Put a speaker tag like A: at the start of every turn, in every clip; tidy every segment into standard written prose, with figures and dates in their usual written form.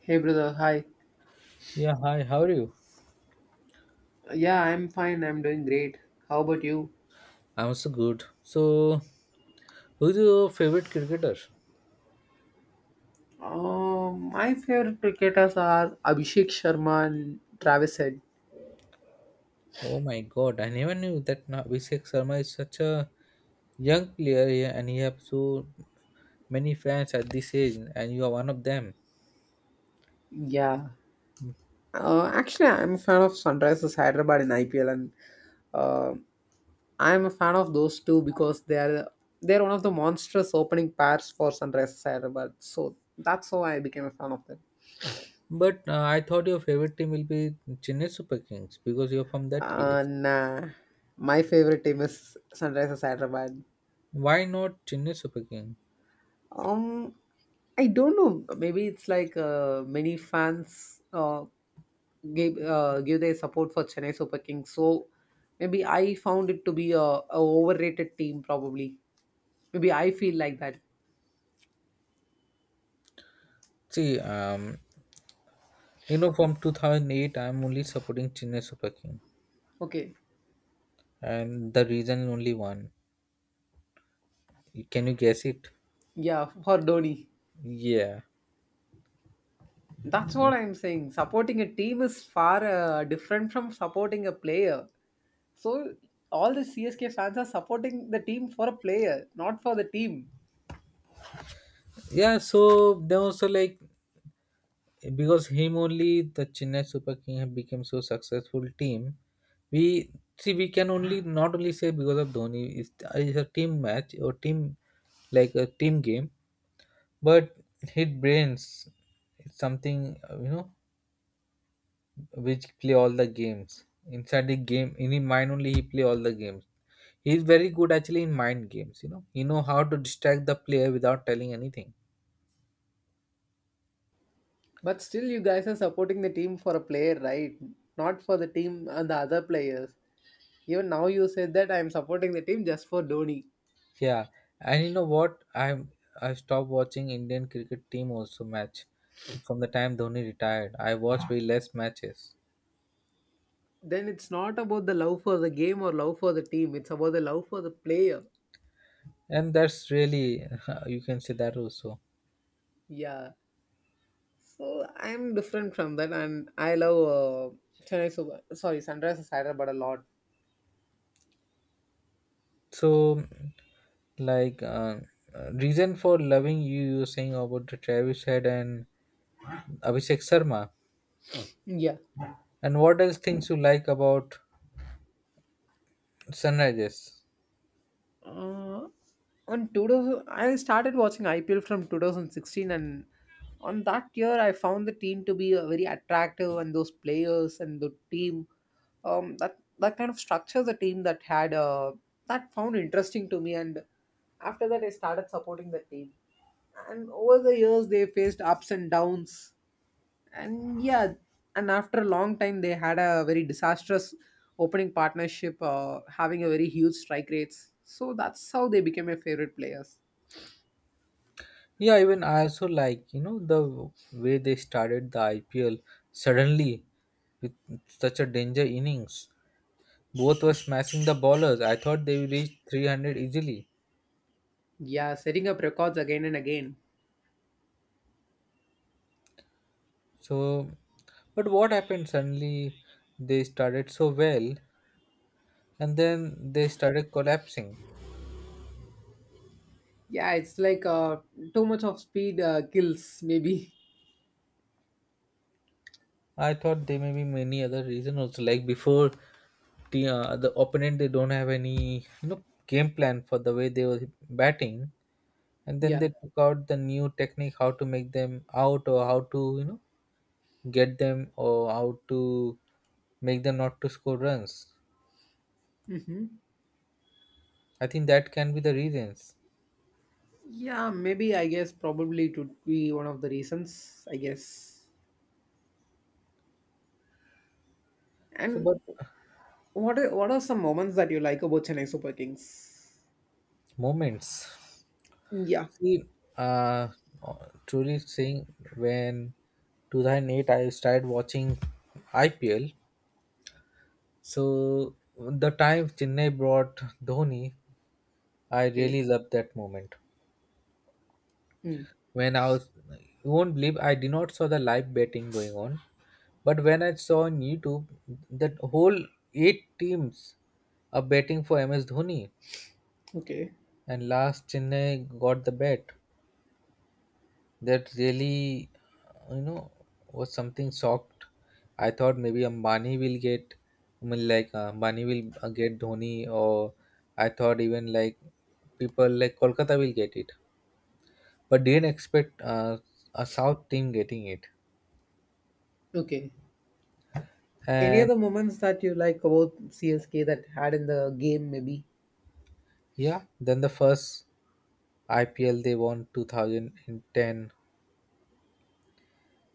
A: Hey brother, hi.
B: Yeah, hi, how are you?
A: Yeah, I'm fine. I'm doing great. How about you?
B: I'm also good. So, who's your favorite cricketer?
A: My favorite cricketers are Abhishek Sharma and Travis Head.
B: Oh my god, I never knew that Abhishek Sharma is such a young player, yeah, and he has so many fans at this age, and you are one of them.
A: Yeah. Actually, I'm a fan of Sunrisers Hyderabad in IPL, and uh, I'm a fan of those two because they're one of the monstrous opening pairs for Sunrisers Hyderabad. So that's how I became a fan of them.
B: But I thought your favorite team will be Chennai Super Kings because you're from that place.
A: And my favorite team is Sunrisers Hyderabad.
B: Why not Chennai Super King?
A: Um, I don't know. Maybe it's like many fans gave give their support for Chennai Super Kings. So maybe I found it to be a overrated team. Probably, maybe I feel like that.
B: See, you know, from 2008, I'm only supporting Chennai Super King,
A: Okay,
B: and the reason only one. Can you guess it?
A: yeah, for Dhoni.
B: Yeah.
A: That's what I'm saying. Supporting a team is far different from supporting a player. So all the CSK fans are supporting the team for a player, not for the team.
B: Yeah, so they also like because him only the Chennai Super King have become so successful team. We see we can only not only say because of Dhoni is a team match or team like a team game, but his brains is something you know, which play all the games inside the game in his mind only he play all the games. He is very good actually in mind games. You know he know how to distract the player without telling anything.
A: But still, you guys are supporting the team for a player, right? Not for the team and the other players. Even now, you said that I'm supporting the team just for Dhoni.
B: Yeah, and you know what? I've stopped watching Indian cricket team also match. From the time Dhoni retired, I watch way less matches,
A: Then it's not about the love for the game or love for the team. It's about the love for the player.
B: and that's really you can say that also.
A: Yeah. So I'm different from that, and I love Chennai Super. Sorry, Sunrisers Hyderabad a lot.
B: So, like uh, reason for loving you, you were saying about the Travis Head and Abhishek Sharma,
A: Yeah.
B: and what else things you like about Sunrises?
A: Uh, on 2000, I started watching IPL from 2016, and on that year, I found the team to be very attractive, and those players and the team, that kind of structure the team that had that found interesting to me, and after that, I started supporting the team. And over the years, they faced ups and downs, and, yeah, and after a long time they had a very disastrous opening partnership having a very huge strike rates, so that's how they became my favorite players.
B: Yeah, even I also like, you know, the way they started the IPL suddenly with such a danger innings. Both were smashing the ballers. I thought they reached 300 easily.
A: Yeah, setting up records again and again.
B: So, but what happened? Suddenly they started so well and then they started collapsing.
A: Yeah, it's like too much of speed kills, maybe.
B: I thought there may be many other reasons also. Like before, the opponent, they don't have any, you know, game plan for the way they were batting, and then they
A: Yeah,
B: took out the new technique, how to make them out or how to, you know, get them or how to make them not to score runs. I think that can be the reasons.
A: yeah, maybe I guess probably it would be one of the reasons, I guess.
B: So
A: And
B: but
A: what are some moments that you like about Chennai Super Kings?
B: moments.
A: Yeah.
B: See, uh truly saying, when 2008 I started watching IPL, so the time Chennai brought Dhoni, I
A: Okay.
B: really loved that moment.
A: Mm.
B: When I was, you won't believe I did not saw the live betting going on. But when I saw on YouTube that whole eight teams are betting for MS Dhoni,
A: Okay.
B: and last Chennai got the bet, that really, you know, was something shocked. I thought maybe Ambani will get, I mean, Ambani will get Dhoni, or I thought even like people like Kolkata will get it, but didn't expect a South team getting it.
A: Okay. Any
B: And
A: other moments that you like about CSK that had in the game, maybe?
B: yeah, then the first IPL they won 2010,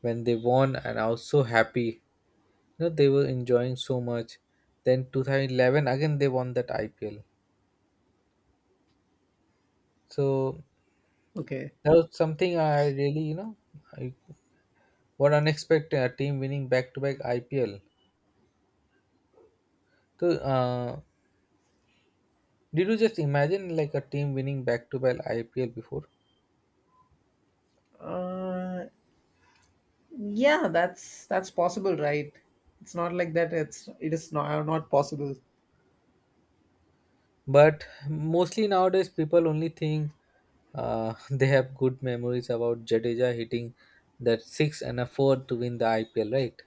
B: when they won and I was so happy. You know, they were enjoying so much. Then 2011 again they won that IPL. So
A: Okay.
B: that was something I really, you know, I, what unexpected a team winning back to back IPL. So did you just imagine like a team winning back to back IPL before?
A: Uh, yeah, that's possible, right? It's not like that. It is not possible.
B: But mostly nowadays people only think they have good memories about Jadeja hitting that six and a four to win the IPL, right?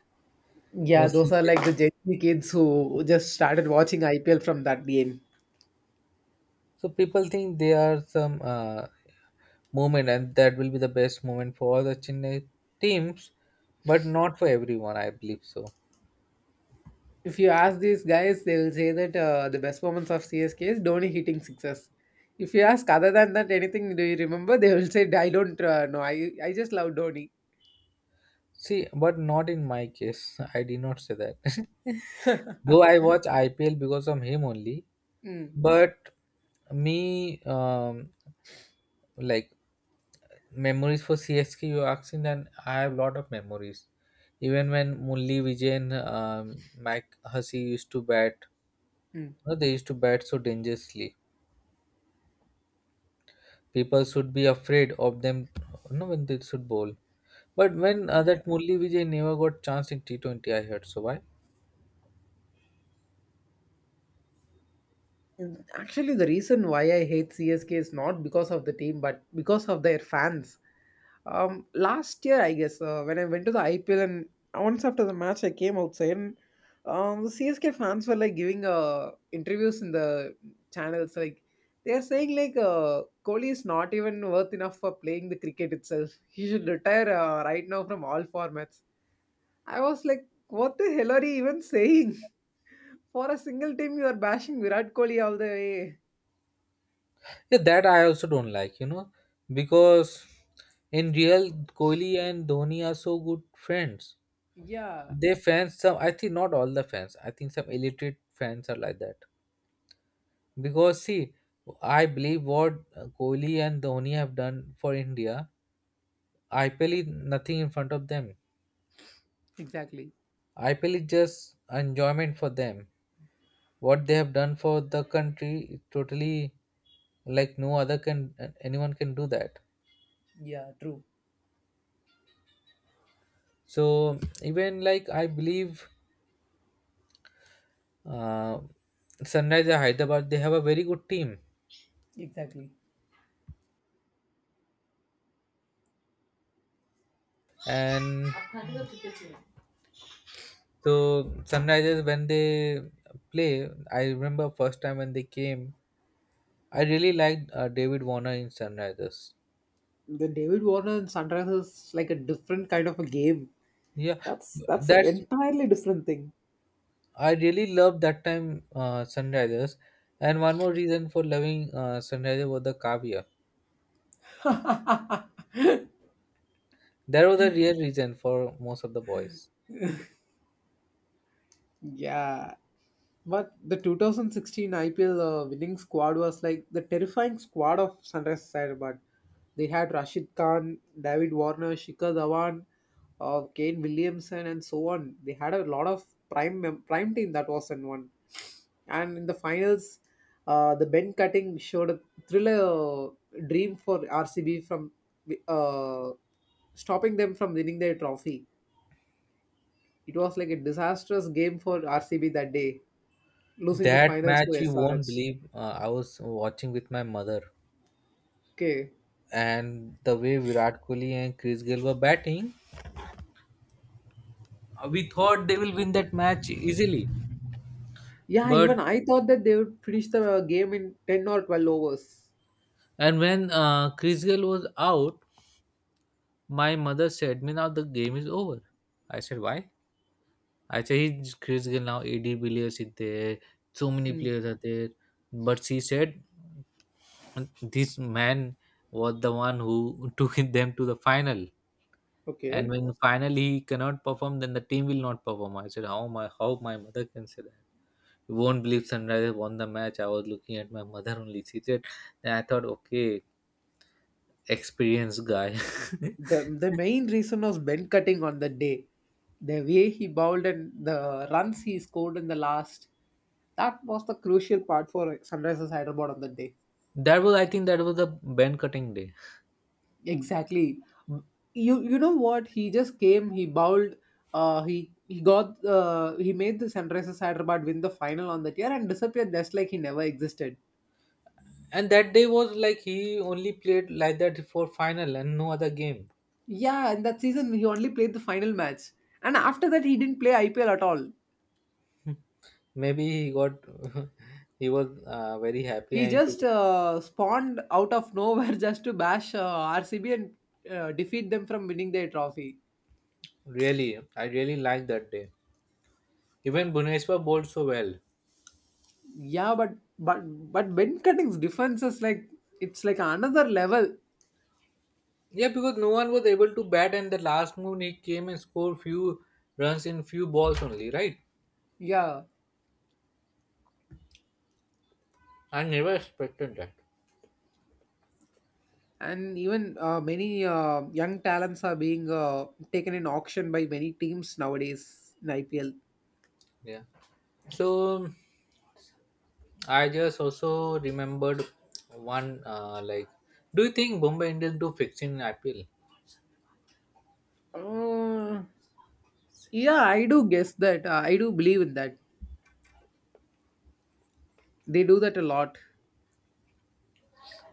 A: Yeah, those
B: Mostly.
A: are like the Gen Z kids who just started watching IPL from that game.
B: So people think they are some moment, and that will be the best moment for all the Chennai teams, but not for everyone. I believe so.
A: If you ask these guys, they will say that the best moments of CSK is Dhoni hitting sixes. If you ask other than that anything, do you remember? They will say, "I don't know. I just love Dhoni."
B: See, but not in my case. I did not say that. Though I watch IPL because of him only,
A: Mm,
B: but me like memories for CSK you asking, then I have lot of memories. Even when Murli Vijay and Mike Hussey used to bat,
A: mm.
B: no, they used to bat so dangerously. People should be afraid of them, no, when they should bowl. But when
A: Yeah.
B: that Murli Vijay never got chance in T20, I heard, so why?
A: Mm, actually, the reason why I hate CSK is not because of the team, but because of their fans. Last year, I guess, when I went to the IPL, and once after the match, I came outside, and the CSK fans were like giving interviews in the channels. Like they are saying, like Kohli is not even worth enough for playing the cricket itself. He should retire right now from all formats. I was like, what the hell are you even saying? For a single team, you are bashing Virat Kohli all the way.
B: Yeah, that I also don't like, you know, because in real, Kohli and Dhoni are so good friends.
A: Yeah,
B: They fans, some, I think, not all the fans, I think some illiterate fans are like that. Because see, I believe what Kohli and Dhoni have done for India, IPL is nothing in front of them.
A: exactly.
B: IPL is just enjoyment for them. What they have done for the country, it totally, like, no other can, anyone can do that.
A: Yeah, true.
B: So even like I believe uh, Sunrisers Hyderabad, they have a very good team,
A: Exactly.
B: and so Sunrisers when they play, I remember first time when they came, I really liked David Warner in Sunrisers.
A: The David Warner and Sunrisers is like a different kind of a game.
B: Yeah,
A: That's an
B: that's
A: entirely different thing.
B: I really loved that time, Sunrisers. And one more reason for loving Sunrisers was the Kavya. That was the real reason for most of the boys.
A: Yeah, but the 2016 IPL winning squad was like the terrifying squad of Sunrise Hyderabad. They had Rashid Khan, David Warner, Shikhar Dhawan, Kane Williamson, and so on. They had a lot of prime team that was in one. And in the finals, the Ben cutting showed a thriller dream for RCB from uh, stopping them from winning their trophy. It was like a disastrous game for RCB that day, losing the
B: That
A: finals to
B: match, you won't
A: SRH.
B: believe, I was watching with my mother,
A: Okay.
B: and the way Virat Kohli and Chris Gayle were batting, we thought they will win that match easily.
A: Yeah, even
B: But
A: I thought that they would finish the game in 10 or 12 overs.
B: and when Chris Gayle was out, my mother said, "Me now the game is over." I said, "Why?" I said, "He's Chris Gayle now. AD Villiers is there. So many
A: Hmm.
B: players are there." But she said, "This man was the one who took them to the final." And
A: Okay.
B: when finally he cannot perform, then the team will not perform. I said, how my mother can say that? You won't believe Sunrisers won the match. I was looking at my mother only. She said, then I thought, okay, experienced guy.
A: The main reason was Ben cutting on the day. The way he bowled and the runs he scored in the last. That was the crucial part for Sunrisers Hyderabad on the day.
B: That was, I think, that was the band cutting day.
A: Exactly. You know what? He just came, he bowled, he made the Sunrisers Hyderabad win the final on that year and disappeared just like he never existed.
B: And that day was like he only played like that for final and no other game.
A: Yeah, in that season he only played the final match, and after that he didn't play IPL at all.
B: Maybe he got, he was very happy
A: He
B: and
A: just
B: to,
A: spawned out of nowhere just to bash RCB and defeat them from winning their trophy.
B: really, I really liked that day. Even Buneshwar bowled so well.
A: Yeah, but Ben Cutting's defense is like, it's like another level.
B: Yeah, because no one was able to bat, and the last move he came and scored few runs in few balls only, right?
A: Yeah,
B: I never expected that.
A: and even many young talents are being taken in auction by many teams nowadays in IPL.
B: Yeah. So I just also remembered one do you think Bombay Indians do fixing IPL? You
A: Uh, yeah, I do guess that. I do believe in that. They do that a lot.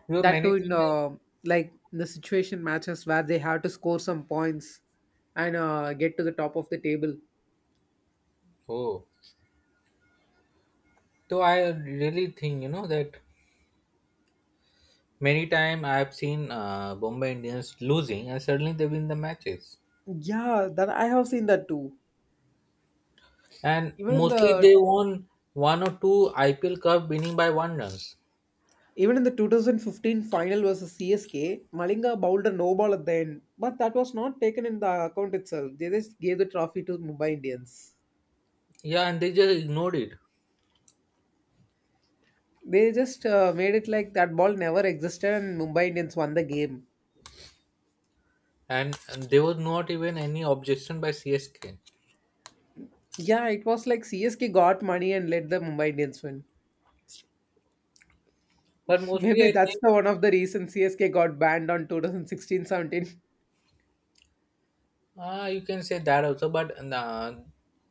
B: know,
A: That too
B: many
A: in
B: times.
A: like in the situation matches where they have to score some points and get to the top of the table.
B: Oh, so I really think, you know, that many time I have seen Bombay Indians losing, and suddenly they win the matches,
A: Yeah, that I have seen that too.
B: and
A: Even in
B: mostly
A: the
B: they won one or two IPL Cup winning by one run.
A: Even in the 2015 final versus CSK, Malinga bowled a no ball at the end, but that was not taken in the account itself. They just gave the trophy to Mumbai Indians.
B: Yeah, and they just ignored it.
A: They just made it like that ball never existed, and Mumbai Indians won the game.
B: And there was not even any objection by CSK.
A: Yeah, it was like CSK got money and let the Mumbai Indians win.
B: But mostly,
A: Maybe
B: I
A: that's
B: think
A: the one of the reasons CSK got banned on 2016-17.
B: you can say that also. But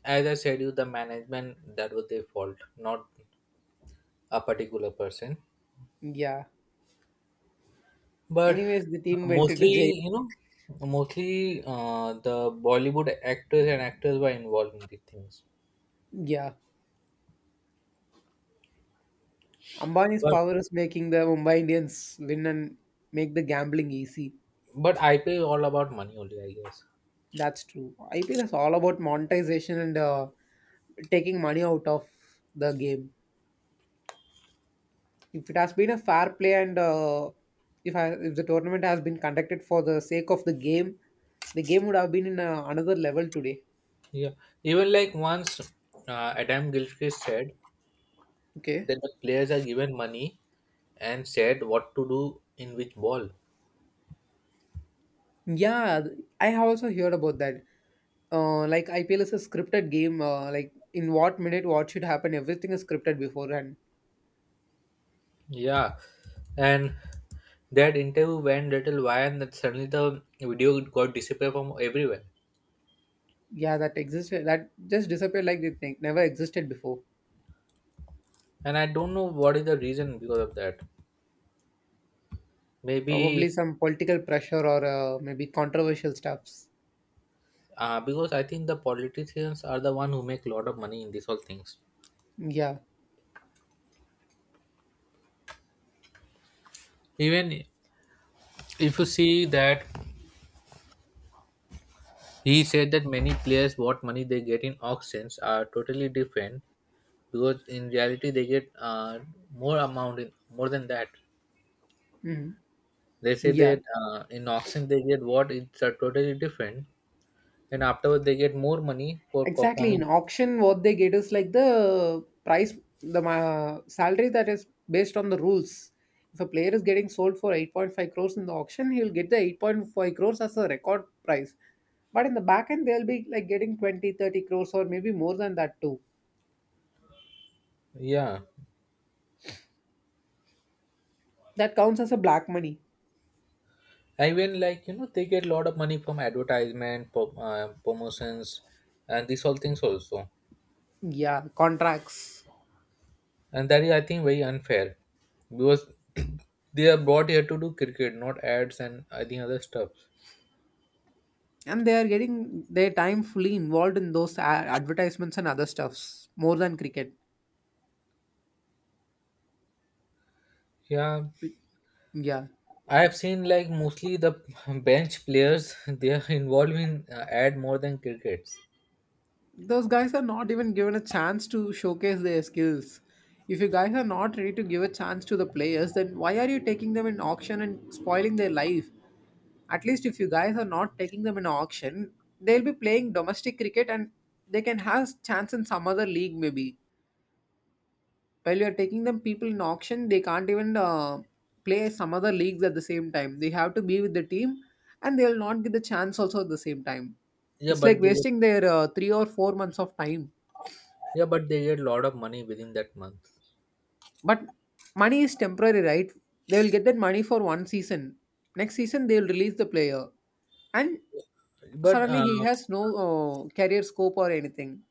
B: as I said, you, the management, that was their fault, not a particular person.
A: Yeah.
B: But
A: Anyways, the team went into jail.
B: mostly, you know, mostly the Bollywood actors and actors were involved in these things.
A: Yeah. Ambani's
B: But
A: power is making the Mumbai Indians win and make the gambling easy.
B: but IPL is all about money only, I guess.
A: That's true. IPL is all about monetization and taking money out of the game. If it has been a fair play and if the tournament has been conducted for the sake of the game would have been in another level today.
B: Yeah, even like once Adam Gilchrist said
A: Okay.
B: that the players are given money and said what to do in which ball.
A: Yeah, I have also heard about that. Like IPL is a scripted game. Like in what minute, what should happen, everything is scripted beforehand.
B: Yeah, and that interview went little wild, and that suddenly the video got disappeared from everywhere.
A: Yeah, that existed. That just disappeared like they think never existed before.
B: And I don't know what is the reason because of that.
A: Probably
B: Maybe
A: some political pressure or maybe controversial stuffs.
B: because I think the politicians are the one who make a lot of money in these all things.
A: Yeah.
B: Even if you see that, he said that many players what money they get in auctions are totally different, because in reality they get more amount in, more than that.
A: Hmm.
B: They say
A: Yeah.
B: that in auction they get what it's totally different, and afterwards they get more money for
A: Exactly. In
B: performing.
A: auction, what they get is like the price, the ma salary that is based on the rules. If a player is getting sold for 8.5 crores in the auction, he'll get the 8.5 crores as a record price. But in the back end, they'll be like getting 20, 30 crores or maybe more than that too.
B: Yeah,
A: That counts as a black money.
B: I mean, like, you know, they get a lot of money from advertisement, promotions, and these all things also,
A: Yeah, contracts.
B: and that is, I think, very unfair because they are brought here to do cricket, not ads and I think other stuff.
A: And they are getting their time fully involved in those advertisements and other stuffs more than cricket.
B: Yeah,
A: Yeah.
B: I have seen like mostly the bench players they are involved in ad more than crickets.
A: Those guys are not even given a chance to showcase their skills. If you guys are not ready to give a chance to the players, then why are you taking them in auction and spoiling their life? At least if you guys are not taking them in auction, they'll be playing domestic cricket and they can have chance in some other league maybe. While you're taking them people in auction, they can't even play some other leagues at the same time. They have to be with the team and they'll not get the chance also at the same time.
B: Yeah,
A: It's like
B: but they
A: wasting their 3 or 4 months of time.
B: Yeah, but they get a lot of money within that month.
A: But money is temporary, right? They will get that money for one season. Next season, they will release the player, and
B: But
A: suddenly he
B: uh,
A: has no career scope or anything.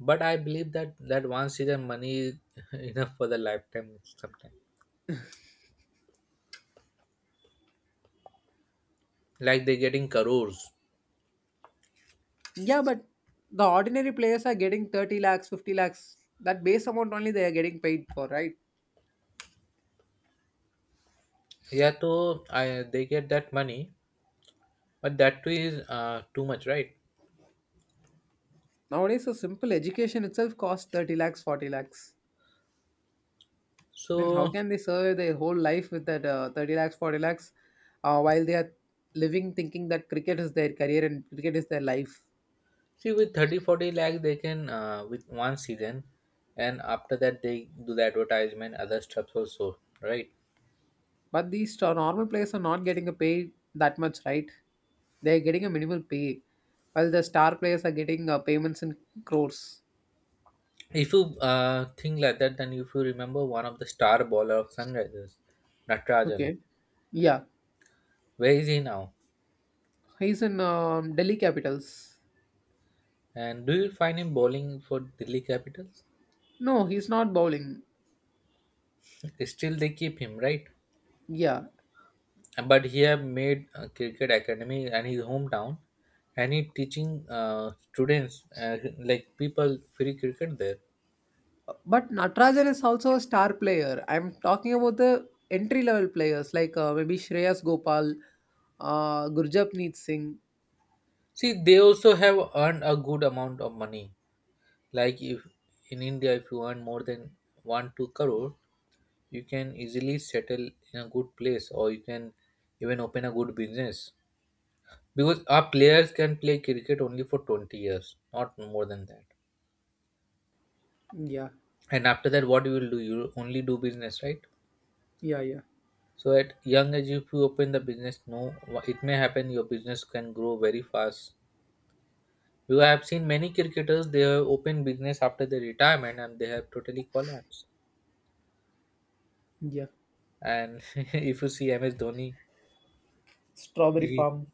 B: but I believe that that one season money is enough for the lifetime sometimes. Like they getting crores.
A: Yeah, but the ordinary players are getting 30 lakhs, 50 lakhs. That base amount only they are getting paid for, right?
B: Yeah, so I they get that money, but that too is too much, right?
A: Nowadays, a simple education itself costs 30 lakhs, 40 lakhs. Then how
B: So
A: can they survive their whole life with that 30 lakhs, 40 lakhs while they are living, thinking that cricket is their career and cricket is their life?
B: see, with 30, 40 lakh, they can, with one season, and after that they do the advertisement, other stuff also, right?
A: But these normal players are not getting a pay that much, right? They're getting a minimal pay, while the star players are getting payments in crores.
B: If you think like that, then if you remember one of the star bowler of Sunrisers, Natarajan.
A: Okay. Yeah,
B: Where is he now?
A: he's in Delhi Capitals.
B: And do you find him bowling for Delhi Capitals?
A: No, he's not bowling.
B: Still, they keep him, right?
A: Yeah,
B: But he have made a cricket academy and his hometown, and he teaching students, like people, free cricket there.
A: but Natarajan is also a star player. I'm talking about the entry level players like maybe Shreyas Gopal, Gurjapneet Singh.
B: See, they also have earned a good amount of money. Like if in India, if you earn more than 1, 2 crore, you can easily settle in a good place, or you can even open a good business. Because our players can play cricket only for 20 years, not more than that.
A: Yeah,
B: And after that, what you will do? You only do business, right?
A: yeah, yeah,
B: So at young age, if you open the business, no, it may happen your business can grow very fast. Because I have seen many cricketers, they have opened business after their retirement and they have totally collapsed.
A: yeah.
B: And if you see MS Dhoni,
A: Strawberry
B: he
A: Farm.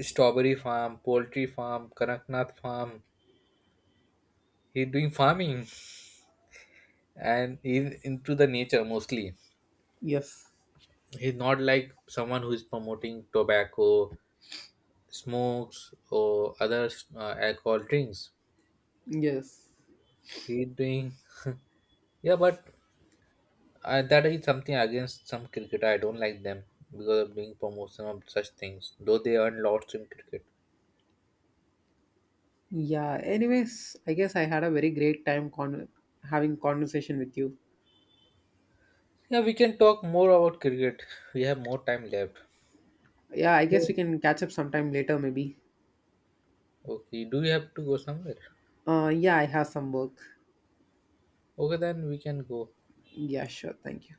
B: strawberry farm, poultry farm, Karaknath farm, he's doing farming and he's into the nature mostly.
A: Yes,
B: He's not like someone who is promoting tobacco smokes or other alcohol drinks.
A: yes.
B: He's doing yeah, but that is something against some cricketer, I don't like them because of doing promotion of such things, though they earn lots in cricket.
A: Yeah, anyways, I guess I had a very great time con having conversation with you.
B: Yeah, we can talk more about cricket, we have more time left.
A: Yeah, I guess we
B: So,
A: can catch up sometime later maybe.
B: okay, do you have to go somewhere?
A: Yeah, I have some work.
B: Okay, then we can go.
A: Yeah, sure. Thank you.